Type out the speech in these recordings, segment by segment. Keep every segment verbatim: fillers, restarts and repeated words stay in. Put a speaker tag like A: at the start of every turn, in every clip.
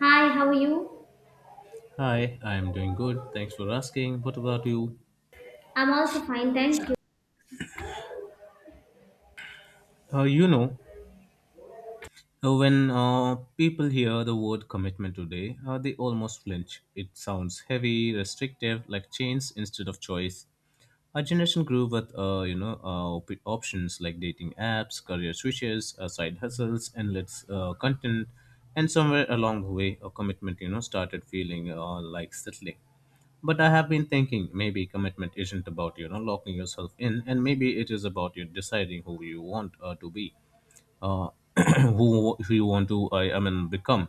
A: Hi, how are you?
B: Hi, I'm doing good. Thanks for asking. What about you?
A: I'm also fine, thank you.
B: Uh, you know, uh, when uh, people hear the word commitment today, uh, they almost flinch. It sounds heavy, restrictive, like chains instead of choice. Our generation grew with uh, you know, uh, op- options like dating apps, career switches, uh, side hustles, endless uh, content, and somewhere along the way, a commitment, you know, started feeling uh, like settling. But I have been thinking maybe commitment isn't about you know locking yourself in, and maybe it is about you deciding who you want uh, to be, uh, who you want to, I, I mean, become,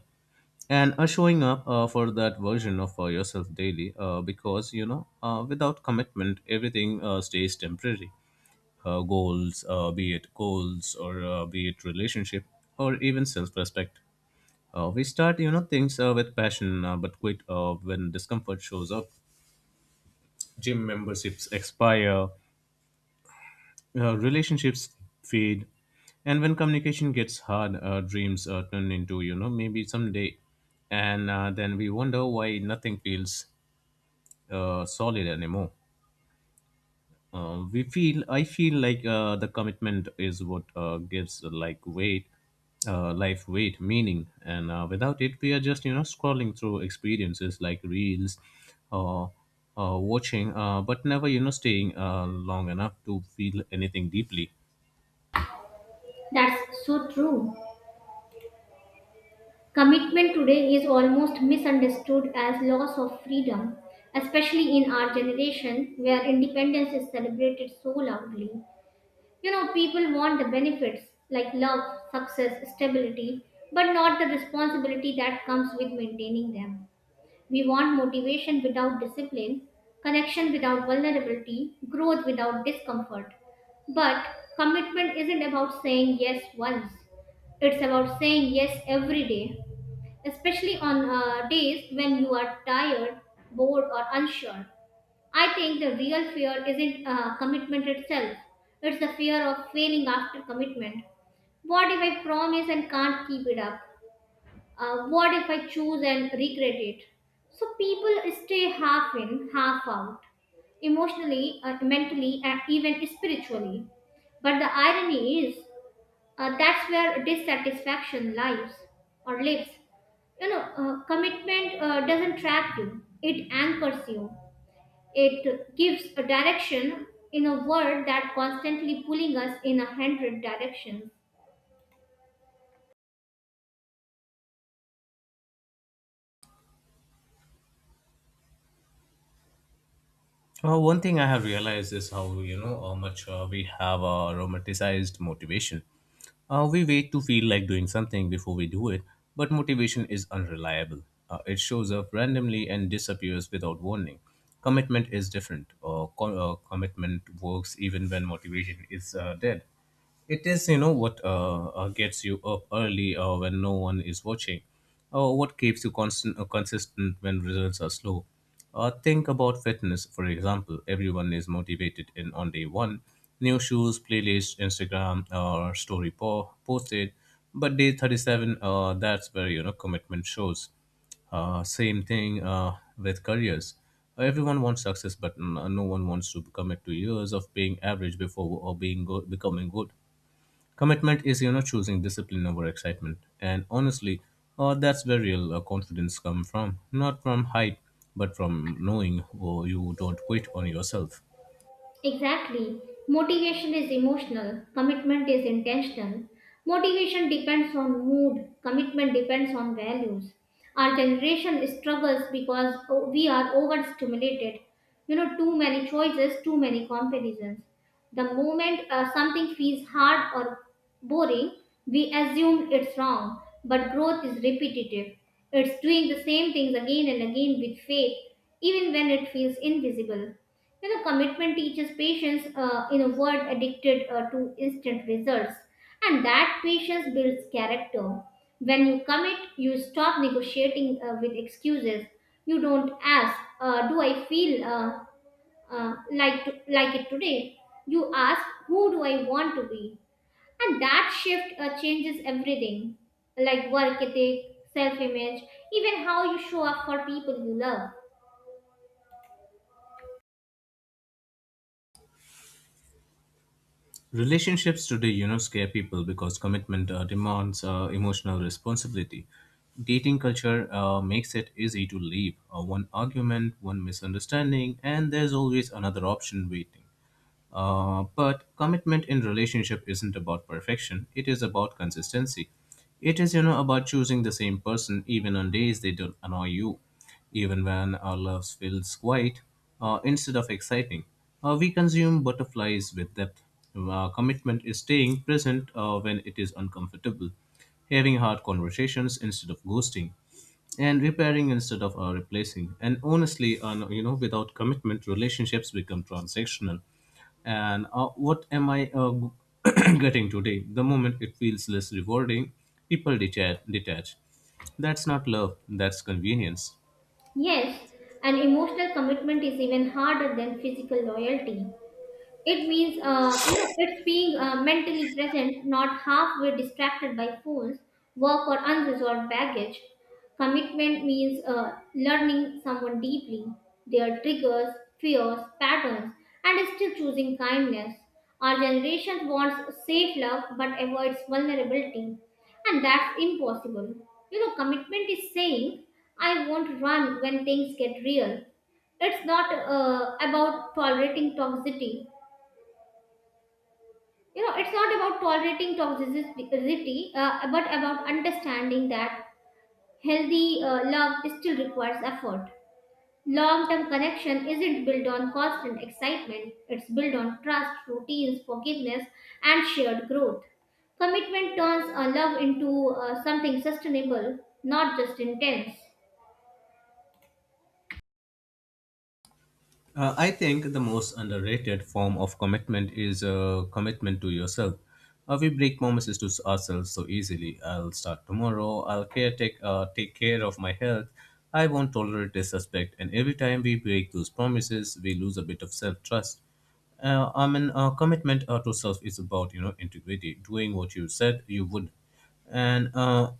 B: and uh, showing up uh, for that version of uh, yourself daily, uh, because you know uh, without commitment everything uh, stays temporary. Uh, goals, uh, be it goals, or uh, be it relationship, or even self-respect. Uh, we start you know things uh, with passion uh, but quit uh, when discomfort shows up. Gym memberships expire, uh, relationships fade, and when communication gets hard, uh, dreams uh, turn into, you know maybe someday. And uh, then we wonder why nothing feels uh, solid anymore. Uh, we feel i feel like uh, the commitment is what uh, gives, uh, like, weight, uh, life, weight, meaning. And uh, without it we are just you know scrolling through experiences like reels, or uh, watching, uh, but never you know staying uh, long enough to feel anything deeply.
A: That's so true. Commitment today is almost misunderstood as loss of freedom, especially in our generation where independence is celebrated so loudly. You know, people want the benefits like love, success, stability, but not the responsibility that comes with maintaining them. We want motivation without discipline, connection without vulnerability, growth without discomfort. But commitment isn't about saying yes once, it's about saying yes every day, especially on uh, days when you are tired, bored, or unsure. I think the real fear isn't uh, commitment itself, it's the fear of failing after commitment. What if I promise and can't keep it up? Uh, what if I choose and regret it? So people stay half in, half out, emotionally, uh, mentally, and even spiritually. But the irony is, uh, that's where dissatisfaction lies or lives. You know, uh, commitment uh, doesn't trap you, it anchors you. It gives a direction in a world that constantly pulling us in a hundred directions.
B: Uh, one thing I have realized is how you know how much uh, we have uh, romanticized motivation. Uh, we wait to feel like doing something before we do it, but motivation is unreliable. Uh, it shows up randomly and disappears without warning. Commitment is different. Uh, co- uh, commitment works even when motivation is uh, dead. It is, you know, what uh, uh, gets you up early uh, when no one is watching, or what keeps you constant, uh, consistent when results are slow. Uh, think about fitness, for example. Everyone is motivated in on day one, new shoes, playlist, Instagram, or story po- posted. But day thirty-seven, uh, that's where you know commitment shows. Uh, same thing uh, with careers. Everyone wants success, but n- uh, no one wants to commit to years of being average before or being good, becoming good. Commitment is, you know, choosing discipline over excitement. And honestly, uh, that's where real uh, confidence comes from. Not from hype, but from knowing, oh, you don't quit on yourself.
A: Exactly. Motivation is emotional, commitment is intentional. Motivation depends on mood, commitment depends on values. Our generation struggles because o- we are overstimulated. You know, too many choices, too many comparisons. The moment uh, something feels hard or boring, we assume it's wrong. But growth is repetitive, it's doing the same things again and again with faith, even when it feels invisible. You know, commitment teaches patience uh, in a world addicted uh, to instant results, and that patience builds character. When you commit, you stop negotiating uh, with excuses. You don't ask, uh, "Do I feel uh, uh, like to, like it today?" You ask, "Who do I want to be?" And that shift uh, changes everything, like work ethic, self-image, even how you show up for people you love.
B: Relationships today, you know, scare people because commitment uh, demands uh, emotional responsibility. Dating culture uh, makes it easy to leave. Uh, one argument, one misunderstanding, and there's always another option waiting. Uh, but commitment in relationship isn't about perfection. It is about consistency. It is, you know, about choosing the same person even on days they don't annoy you, even when our love feels quiet uh, instead of exciting. Uh, we consume butterflies with depth. Uh, commitment is staying present uh, when it is uncomfortable, having hard conversations instead of ghosting, and repairing instead of uh, replacing. And honestly, uh, no- you know, without commitment, relationships become transactional, and uh, what am I uh, getting today the moment it feels less rewarding, people detach, detach That's not love, that's convenience.
A: Yes, and emotional commitment is even harder than physical loyalty. It means, uh, you know, it's being uh, mentally present, not halfway distracted by phones, work, or unresolved baggage. Commitment means uh, learning someone deeply, their triggers, fears, patterns, and still choosing kindness. Our generation wants safe love but avoids vulnerability, and that's impossible. You know, commitment is saying, I won't run when things get real. It's not uh, about tolerating toxicity. You know it's not about tolerating toxicity, uh, but about understanding that healthy uh, love still requires effort. Long-term connection isn't built on constant excitement, it's built on trust, routines, forgiveness, and shared growth. Commitment turns a love into uh, something sustainable, not just intense.
B: Uh, I think the most underrated form of commitment is uh, commitment to yourself. Uh, we break promises to ourselves so easily. I'll start tomorrow. I'll care take uh, take care of my health. I won't tolerate disrespect. And every time we break those promises, we lose a bit of self trust. Uh, I mean, uh, commitment uh, to self is about, you know integrity, doing what you said you would, and uh,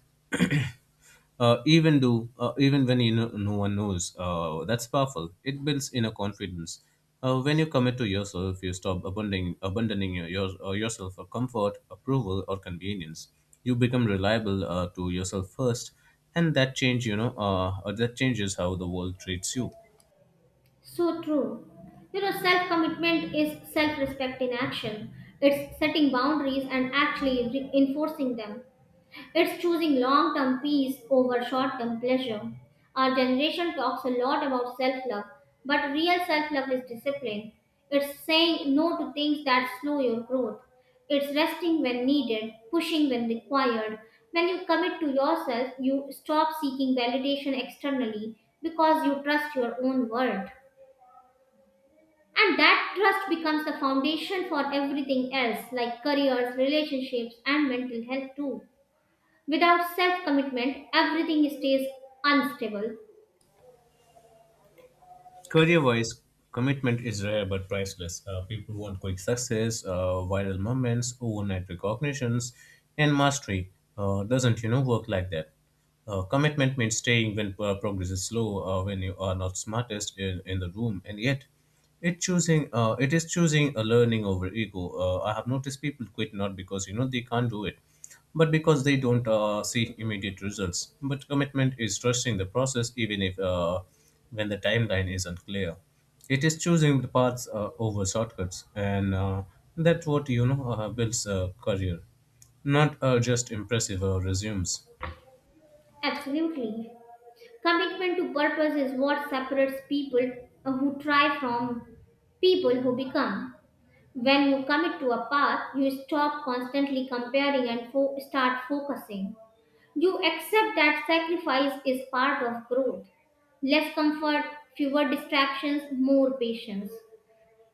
B: uh, even do uh, even when, you know, no one knows. Uh, that's powerful, it builds inner confidence. Uh, when you commit to yourself you stop abandoning abandoning your, your, uh, yourself for comfort, approval, or convenience. You become reliable uh, to yourself first, and that change you know uh, uh, that changes how the world treats you.
A: So true. You know, self commitment is self respect in action. It's setting boundaries and actually re- enforcing them. It's choosing long term peace over short term pleasure. Our generation talks a lot about self love, but real self love is discipline. It's saying no to things that slow your growth. It's resting when needed, pushing when required. When you commit to yourself, you stop seeking validation externally because you trust your own worth. And that trust becomes the foundation for everything else, like careers, relationships, and mental health, too. Without self commitment, everything stays unstable.
B: Career wise, commitment is rare but priceless. Uh, people want quick success, uh, viral moments, overnight recognitions, and mastery. Uh, doesn't, you know work like that? Uh, commitment means staying when uh, progress is slow, uh, when you are not smartest in, in the room, and yet it choosing uh, it is choosing a learning over ego. Uh, I have noticed people quit not because, you know they can't do it, but because they don't uh, see immediate results. But commitment is trusting the process even if uh, when the timeline isn't clear. It is choosing the paths uh, over shortcuts, and uh, that's what, you know uh, builds a career, not uh, just impressive uh, resumes.
A: Absolutely. Commitment to purpose is what separates people who try from people who become. When you commit to a path, you stop constantly comparing and fo- start focusing. You accept that sacrifice is part of growth. Less comfort, fewer distractions, more patience.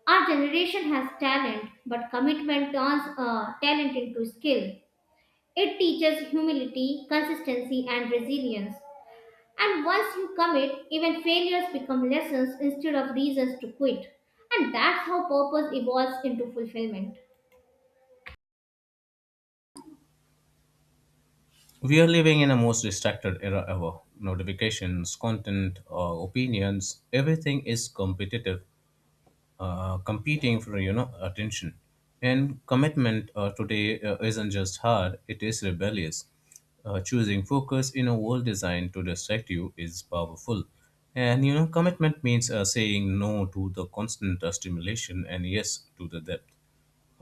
A: Our generation has talent, but commitment turns uh, talent into skill. It teaches humility, consistency, and resilience. And once you commit, even failures become lessons instead of reasons to quit. And that's how purpose evolves into fulfillment.
B: We are living in a most distracted era ever. Notifications, content, uh, opinions, everything is competitive uh, competing for, you know attention, and commitment uh, today uh, isn't just hard, it is rebellious. Uh, choosing focus in a world designed to distract you is powerful. And you know commitment means uh, saying no to the constant uh, stimulation, and yes to the depth,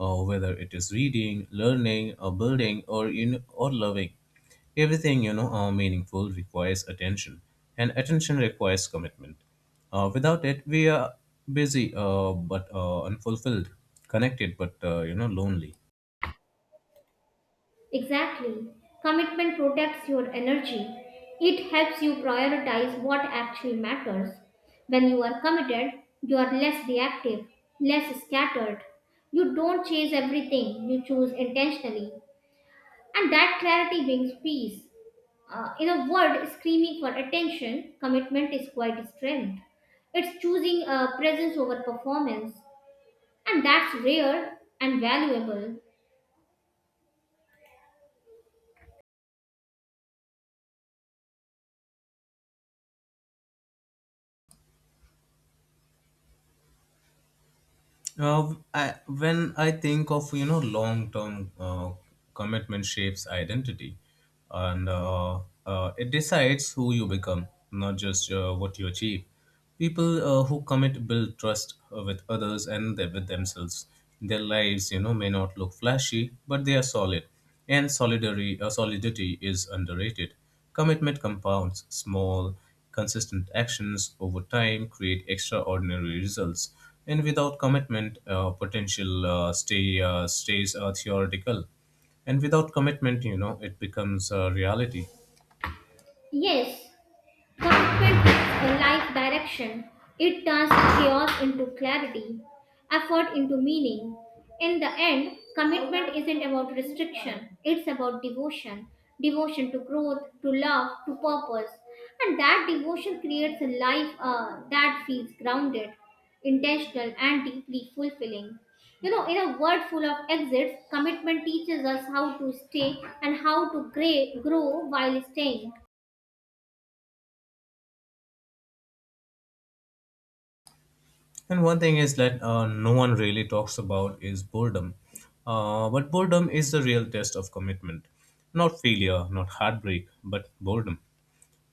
B: uh, whether it is reading, learning, or building, or you know, or loving. Everything, you know uh, meaningful, requires attention, and attention requires commitment. Uh, without it, we are busy uh, but uh, unfulfilled, connected but, uh, you know lonely.
A: Exactly. Commitment protects your energy. It helps you prioritize what actually matters. When you are committed, you are less reactive, less scattered. You don't chase everything, you choose intentionally. And that clarity brings peace. Uh, in a world screaming for attention, commitment is quite strength. It's choosing uh, presence over performance, and that's rare and valuable.
B: Uh, I, when I think of, you know long term, uh, commitment shapes identity, and uh, uh, it decides who you become, not just uh, what you achieve. People uh, who commit build trust uh, with others, and they- with themselves. Their lives, you know, may not look flashy, but they are solid, and solidary uh, solidity is underrated. Commitment compounds small. Consistent actions over time create extraordinary results, and without commitment, uh, potential uh, stay uh, stays uh, theoretical. And without commitment, you know, it becomes a reality.
A: Yes, commitment gives a life direction. It turns chaos into clarity, effort into meaning. In the end, commitment isn't about restriction, it's about devotion. Devotion to growth, to love, to purpose. And that devotion creates a life uh, that feels grounded, intentional, and deeply fulfilling. You know, in a world full of exits, commitment teaches us how to stay and how to gra- grow while staying.
B: And one thing is that uh, no one really talks about is boredom. Uh, but boredom is the real test of commitment. Not failure, not heartbreak, but boredom.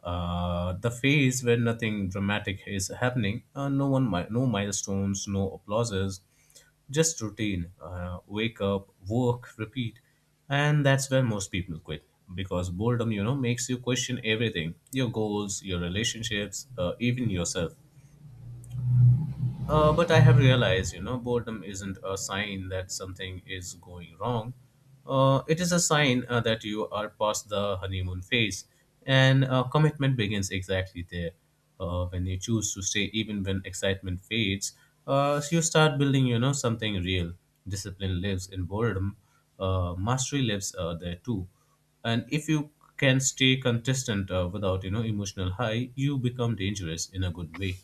B: Uh, the phase where nothing dramatic is happening, uh, no one, mi- no milestones, no applauses, just routine. Uh, wake up, work, repeat, and that's where most people quit because boredom, you know, makes you question everything: your goals, your relationships, uh, even yourself. Uh, but I have realized, you know, boredom isn't a sign that something is going wrong. Uh, it is a sign uh, that you are past the honeymoon phase, and uh, commitment begins exactly there. Uh, when you choose to stay, even when excitement fades, uh, so you start building, you know, something real. Discipline lives in boredom. Uh, mastery lives uh, there too. And if you can stay consistent uh, without, you know, emotional high, you become dangerous in a good way.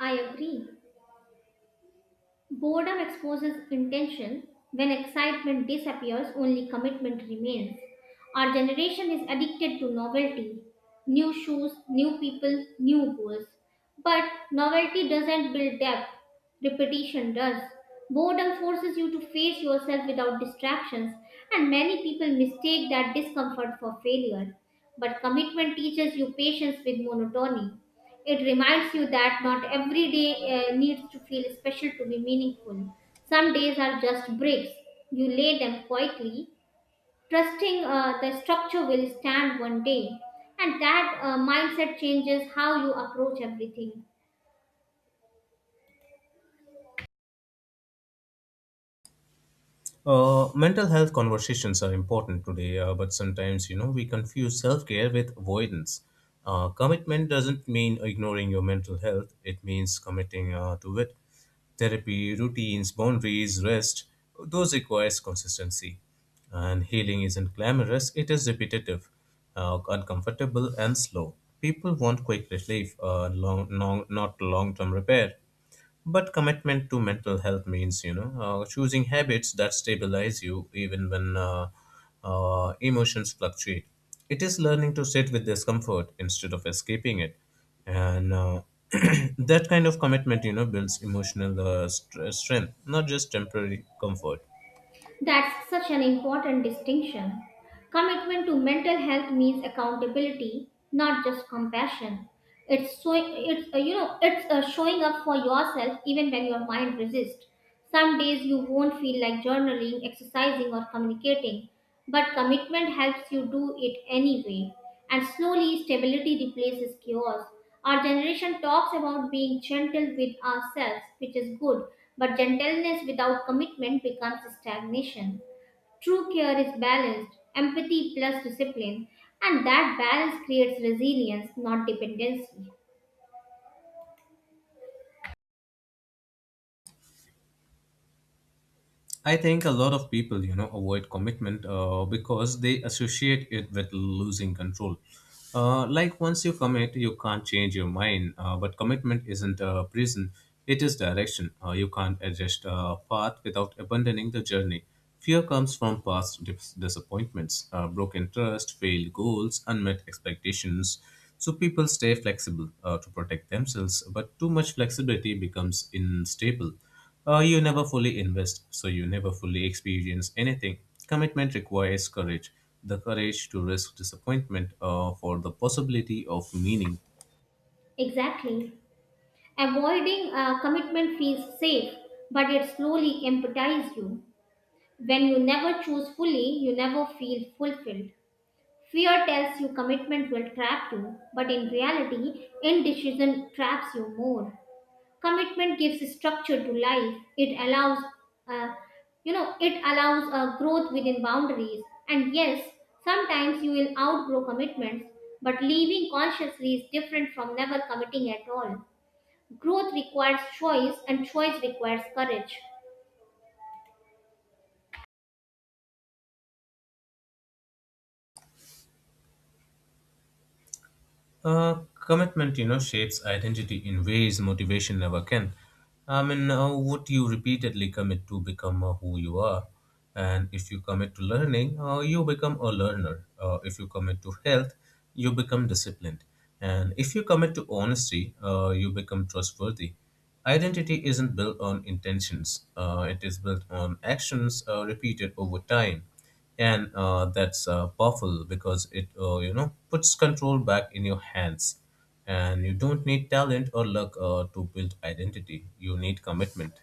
A: I agree. Boredom exposes intention. When excitement disappears, only commitment remains. Our generation is addicted to novelty: new shoes, new people, new goals. But novelty doesn't build depth, repetition does. Boredom forces you to face yourself without distractions, and many people mistake that discomfort for failure. But commitment teaches you patience with monotony. It reminds you that not every day uh, needs to feel special to be meaningful. Some days are just breaks. You lay them quietly, trusting uh, the structure will stand one day. And that uh, mindset changes how you approach everything.
B: Uh, mental health conversations are important today, uh, but sometimes you know we confuse self-care with avoidance. Uh, commitment doesn't mean ignoring your mental health; it means committing uh, to it. Therapy, routines, boundaries, rest, those requires consistency. And healing isn't glamorous; it is repetitive, uh, uncomfortable, and slow. People want quick relief, uh, long, long, not long-term repair. But commitment to mental health means, you know, uh, choosing habits that stabilize you even when, uh, uh, emotions fluctuate. It is learning to sit with discomfort instead of escaping it. And uh, that kind of commitment, you know, builds emotional uh, str- strength, not just temporary comfort.
A: That's such an important distinction. Commitment to mental health means accountability, not just compassion. It's so it's uh, you know it's uh, showing up for yourself even when your mind resists. Some days you won't feel like journaling, exercising, or communicating, but commitment helps you do it anyway. And slowly, stability replaces chaos. Our generation talks about being gentle with ourselves, which is good, but gentleness without commitment becomes stagnation. True care is balanced, empathy plus discipline, and that balance creates resilience, not dependency.
B: I think a lot of people, you know, avoid commitment uh, because they associate it with losing control. Uh, like once you commit, you can't change your mind. Uh, but commitment isn't a prison; it is direction. Uh, you can't adjust a path without abandoning the journey. Fear comes from past dis- disappointments, uh, broken trust, failed goals, unmet expectations. So people stay flexible uh, to protect themselves, but too much flexibility becomes unstable. Uh, you never fully invest, so you never fully experience anything. Commitment requires courage, the courage to risk disappointment uh, for the possibility of meaning.
A: Exactly. Avoiding uh, commitment feels safe, but it slowly empathize you. When you never choose fully, you never feel fulfilled. Fear tells you commitment will trap you, but in reality, indecision traps you more. Commitment gives structure to life. It allows, uh, you know, it allows uh, growth within boundaries. And yes, sometimes you will outgrow commitments, but leaving consciously is different from never committing at all. Growth requires choice, and choice requires courage.
B: Uh, commitment, you know, shapes identity in ways motivation never can. I mean, uh, what you repeatedly commit to become uh, who you are. And if you commit to learning, uh, you become a learner. Uh, if you commit to health, you become disciplined. And if you commit to honesty, uh, you become trustworthy. Identity isn't built on intentions, uh, it is built on actions uh, repeated over time, and uh, that's uh, powerful because it, uh, you know puts control back in your hands. And you don't need talent or luck uh, to build identity, you need commitment.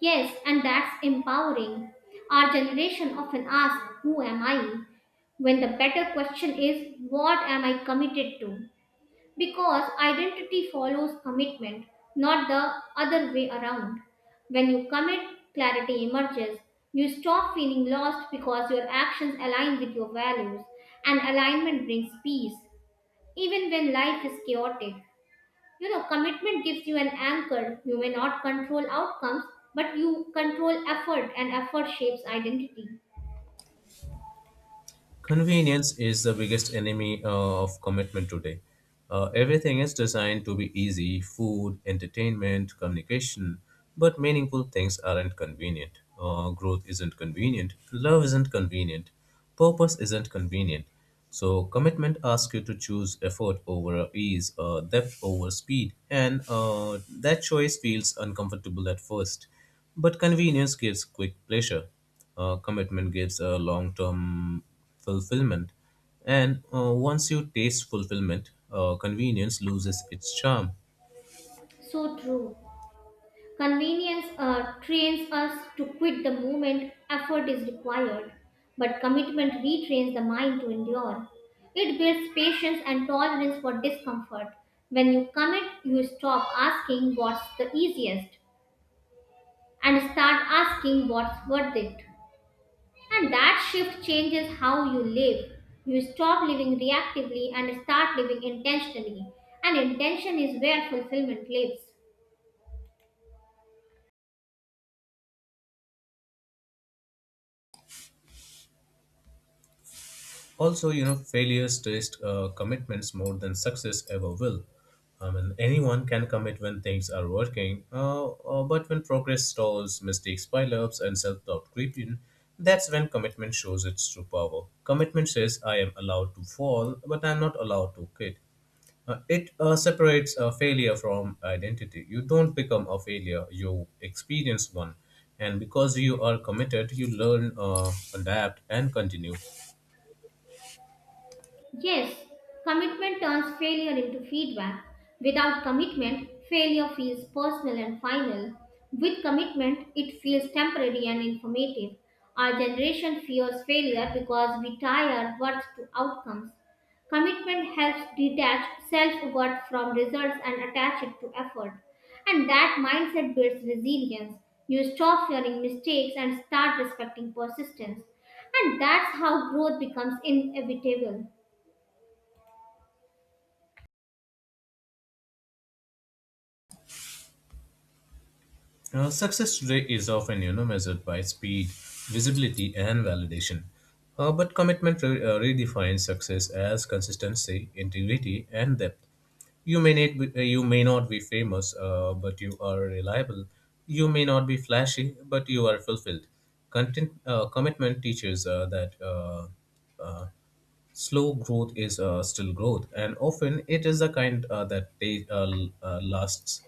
A: Yes, and that's empowering. Our generation often asks, "Who am I?" when the better question is, "What am I committed to?" Because identity follows commitment, not the other way around. When you commit, clarity emerges. You stop feeling lost because your actions align with your values, and alignment brings peace, even when life is chaotic. You know, commitment gives you an anchor. You may not control outcomes, but you control effort, and effort shapes identity.
B: Convenience is the biggest enemy uh, of commitment today. Uh, everything is designed to be easy: food, entertainment, communication, but meaningful things aren't convenient. Uh, growth isn't convenient, love isn't convenient, purpose isn't convenient. So, commitment asks you to choose effort over uh, ease, uh, depth over speed, and uh, that choice feels uncomfortable at first. But convenience gives quick pleasure, uh, commitment gives a long term fulfillment. And uh, once you taste fulfillment, uh, convenience loses its charm.
A: So true. Convenience uh, trains us to quit the moment effort is required, but commitment retrains the mind to endure. It builds patience and tolerance for discomfort. When you commit, you stop asking what's the easiest and start asking what's worth it. And that shift changes how you live. You stop living reactively and start living intentionally. And intention is where fulfillment lives.
B: Also, you know, failures test uh, commitments more than success ever will. I mean, anyone can commit when things are working, uh, uh, but when progress stalls, mistakes pile ups, and self doubt creep in, that's when commitment shows its true power. Commitment says, I am allowed to fall, but I'm not allowed to quit. Uh, it uh, separates a failure from identity. You don't become a failure, you experience one. And because you are committed, you learn, uh, adapt, and continue.
A: Yes, commitment turns failure into feedback. Without commitment, failure feels personal and final. With commitment, it feels temporary and informative. Our generation fears failure because we tie our worth to outcomes. Commitment helps detach self worth from results and attach it to effort. And that mindset builds resilience. You stop fearing mistakes and start respecting persistence. And that's how growth becomes inevitable.
B: Uh, success today is often, you know, measured by speed, visibility, and validation. Uh, but commitment re- uh, redefines success as consistency, integrity, and depth. You may need, be- uh, you may not be famous, uh, but you are reliable. You may not be flashy, but you are fulfilled. Content, uh, commitment teaches uh, that uh, uh, slow growth is uh, still growth, and often it is the kind uh, that ta- uh, l- uh, lasts.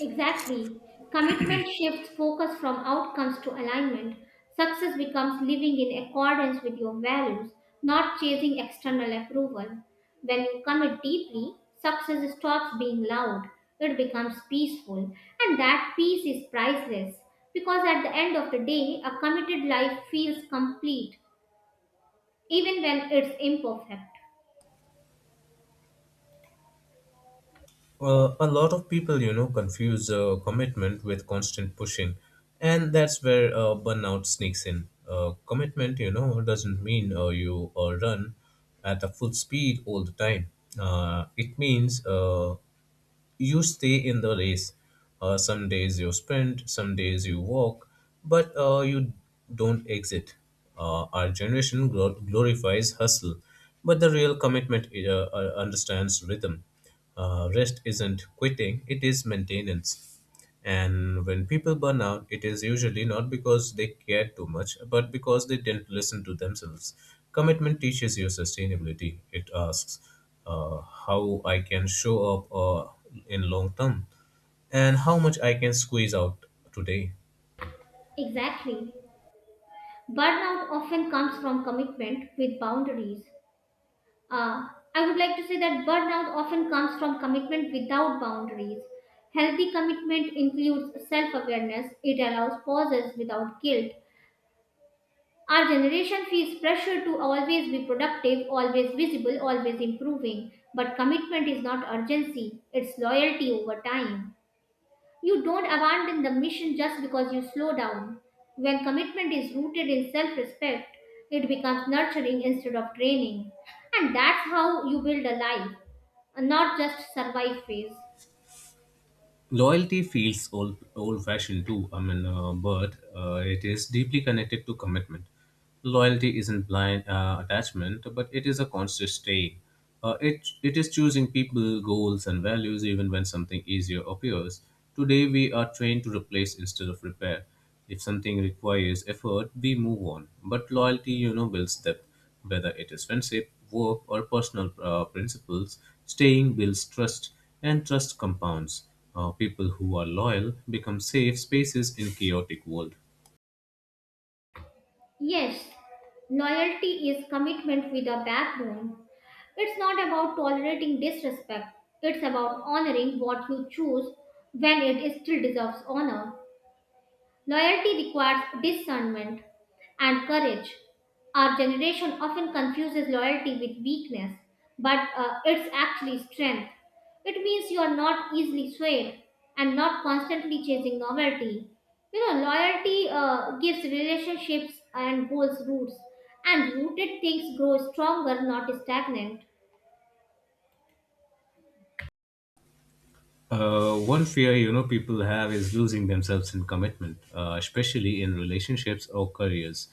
A: Exactly. Commitment shifts focus from outcomes to alignment. Success becomes living in accordance with your values, not chasing external approval. When you commit deeply, success stops being loud. It becomes peaceful, and that peace is priceless because at the end of the day, a committed life feels complete even when it's imperfect.
B: Uh, a lot of people, you know, confuse uh, commitment with constant pushing, and that's where uh, burnout sneaks in. Uh, commitment, you know, doesn't mean uh, you uh, run at a full speed all the time. Uh, it means uh, you stay in the race. Uh, some days you sprint, some days you walk, but uh, you don't exit. Uh, our generation glo- glorifies hustle, but the real commitment uh, uh, understands rhythm. Uh, rest isn't quitting, it is maintenance. And when people burn out, it is usually not because they cared too much, but because they didn't listen to themselves. Commitment teaches you sustainability. It asks uh, how I can show up uh, in long term and how much I can squeeze out today.
A: Exactly. Burnout often comes from commitment with boundaries. Uh, I would like to say that burnout often comes from commitment without boundaries. Healthy commitment includes self awareness, it allows pauses without guilt. Our generation feels pressure to always be productive, always visible, always improving. But commitment is not urgency, it's loyalty over time. You don't abandon the mission just because you slow down. When commitment is rooted in self respect, it becomes nurturing instead of draining. And that's how you build a life, not just survive phase.
B: Loyalty feels old old fashioned too. I mean, uh, but uh, it is deeply connected to commitment. Loyalty isn't blind uh, attachment, but it is a conscious staying. Uh, it it is choosing people, goals and values even when something easier appears. Today we are trained to replace instead of repair. If something requires effort we move on, but loyalty, you know, builds depth. Whether it is friendship, work, or personal uh, principles, staying builds trust, and trust compounds. Uh, people who are loyal become safe spaces in chaotic world.
A: Yes, loyalty is commitment with a backbone. It's not about tolerating disrespect, it's about honoring what you choose when it still deserves honor. Loyalty requires discernment and courage. Our generation often confuses loyalty with weakness, but uh, it's actually strength. It means you are not easily swayed and not constantly chasing novelty. You know, loyalty uh, gives relationships and goals roots, and rooted things grow stronger, not stagnant.
B: Uh, one fear, you know, people have is losing themselves in commitment, uh, especially in relationships or careers.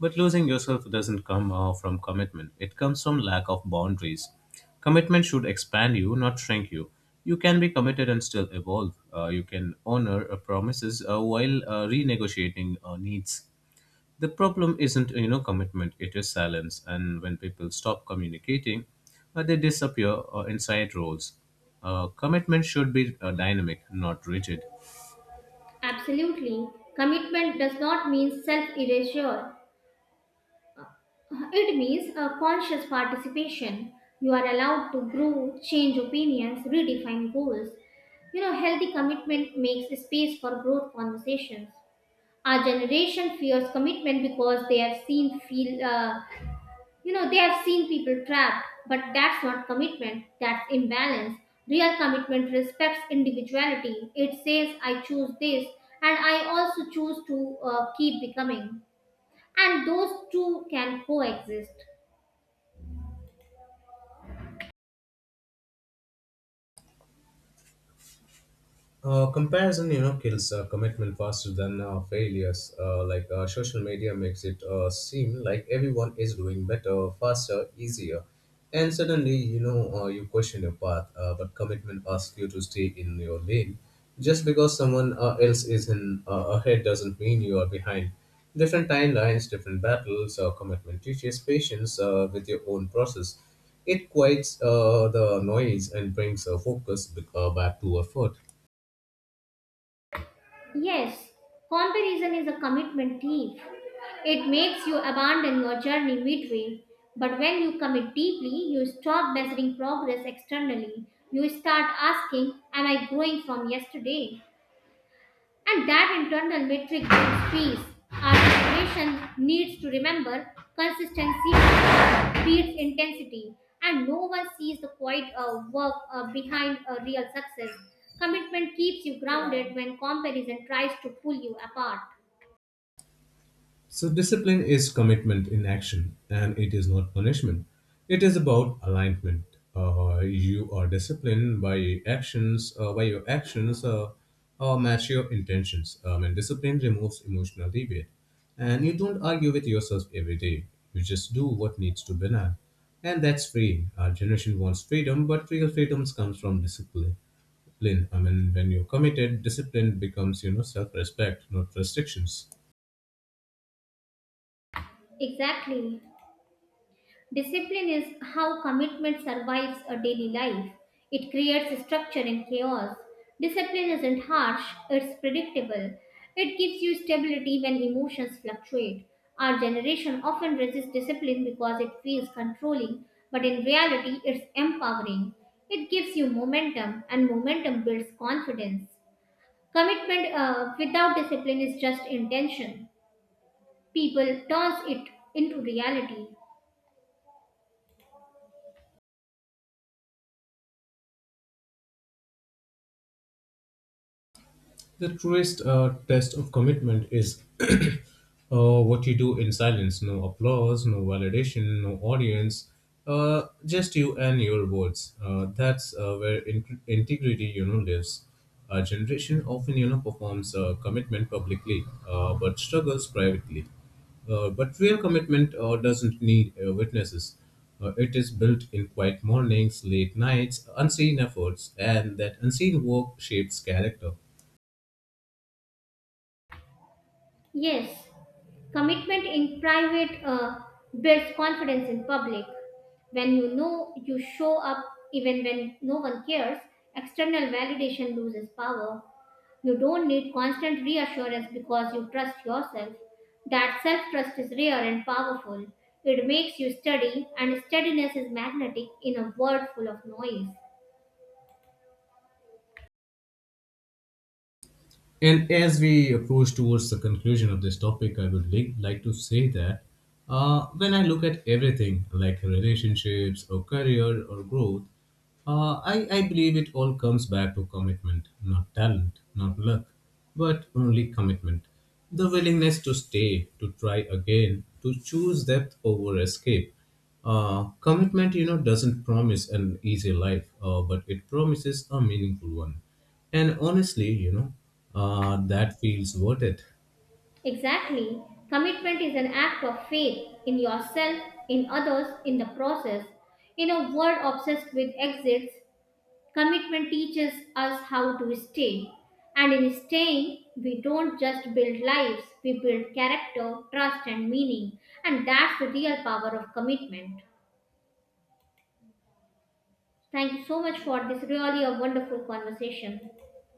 B: But losing yourself doesn't come uh, from commitment; it comes from lack of boundaries. Commitment should expand you, not shrink you. You can be committed and still evolve. Uh, you can honor uh, promises uh, while uh, renegotiating uh, needs. The problem isn't, you know, commitment, it is silence. And when people stop communicating uh, they disappear uh, inside roles. Uh, commitment should be uh, dynamic, not rigid.
A: Absolutely. Commitment does not mean self erasure. It means a conscious participation. You are allowed to grow, change opinions, redefine goals. You know, healthy commitment makes space for growth conversations. Our generation fears commitment because they have seen feel uh, you know they have seen people trapped, but that's not commitment. That's imbalance. Real commitment respects individuality. It says I choose this, and I also choose to uh, keep becoming, and those two can coexist.
B: Uh, comparison, you know, kills uh, commitment faster than uh, failures. Uh, like uh, social media makes it uh, seem like everyone is doing better, faster, easier, and suddenly, you know, uh, you question your path. Uh, but commitment asks you to stay in your lane. Just because someone uh, else is in uh, ahead doesn't mean you are behind. Different timelines, different battles. Uh, commitment teaches patience uh, with your own process. It quiets uh, the noise and brings uh, focus uh, back to effort.
A: Yes, comparison is a commitment thief. It makes you abandon your journey midway. But when you commit deeply, you stop measuring progress externally. You start asking, "Am I growing from yesterday?" And that internal metric gives peace. Our generation needs to remember consistency beats intensity, and no one sees the quiet uh, work uh, behind a real success. Commitment keeps you grounded when comparison tries to pull you apart.
B: So, discipline is commitment in action, and it is not punishment. It is about alignment. Uh, you are disciplined by actions, uh, by your actions uh, uh, match your intentions. Um, and discipline removes emotional debate. And you don't argue with yourself every day. You just do what needs to be done. And that's free. Our generation wants freedom, but real freedoms comes from discipline. I mean, when you're committed, discipline becomes, you know, self-respect, not restrictions.
A: Exactly. Discipline is how commitment survives a daily life. It creates structure in chaos. Discipline isn't harsh, it's predictable. It gives you stability when emotions fluctuate. Our generation often resists discipline because it feels controlling, but in reality, it's empowering. It gives you momentum, and momentum builds confidence. Commitment uh, without discipline is just intention. People turns it into reality.
B: The truest uh, test of commitment is uh, what you do in silence. No applause, no validation, no audience. Uh, just you and your words. Uh, that's uh, where in- integrity, you know, lives. Our generation often, you know, performs uh, commitment publicly, uh, but struggles privately. Uh, but real commitment uh, doesn't need uh, witnesses. Uh, it is built in quiet mornings, late nights, unseen efforts, and that unseen work shapes character.
A: Yes, commitment in private uh, builds confidence in public. When you know you show up even when no one cares, external validation loses power. You don't need constant reassurance because you trust yourself. That self trust is rare and powerful. It makes you steady, and steadiness is magnetic in a world full of noise.
B: And as we approach towards the conclusion of this topic, I would li- like to say that uh, when I look at everything like relationships or career or growth, uh, I, I believe it all comes back to commitment, not talent, not luck, but only commitment. The willingness to stay, to try again, to choose depth over escape. Uh, commitment, you know, doesn't promise an easy life, uh, but it promises a meaningful one. And honestly, you know, uh, that feels worth it.
A: Exactly. Commitment is an act of faith in yourself, in others, in the process. In a world obsessed with exits, commitment teaches us how to stay. And in staying, we don't just build lives, we build character, trust, and meaning. And that's the real power of commitment. Thank you so much for this really a wonderful conversation.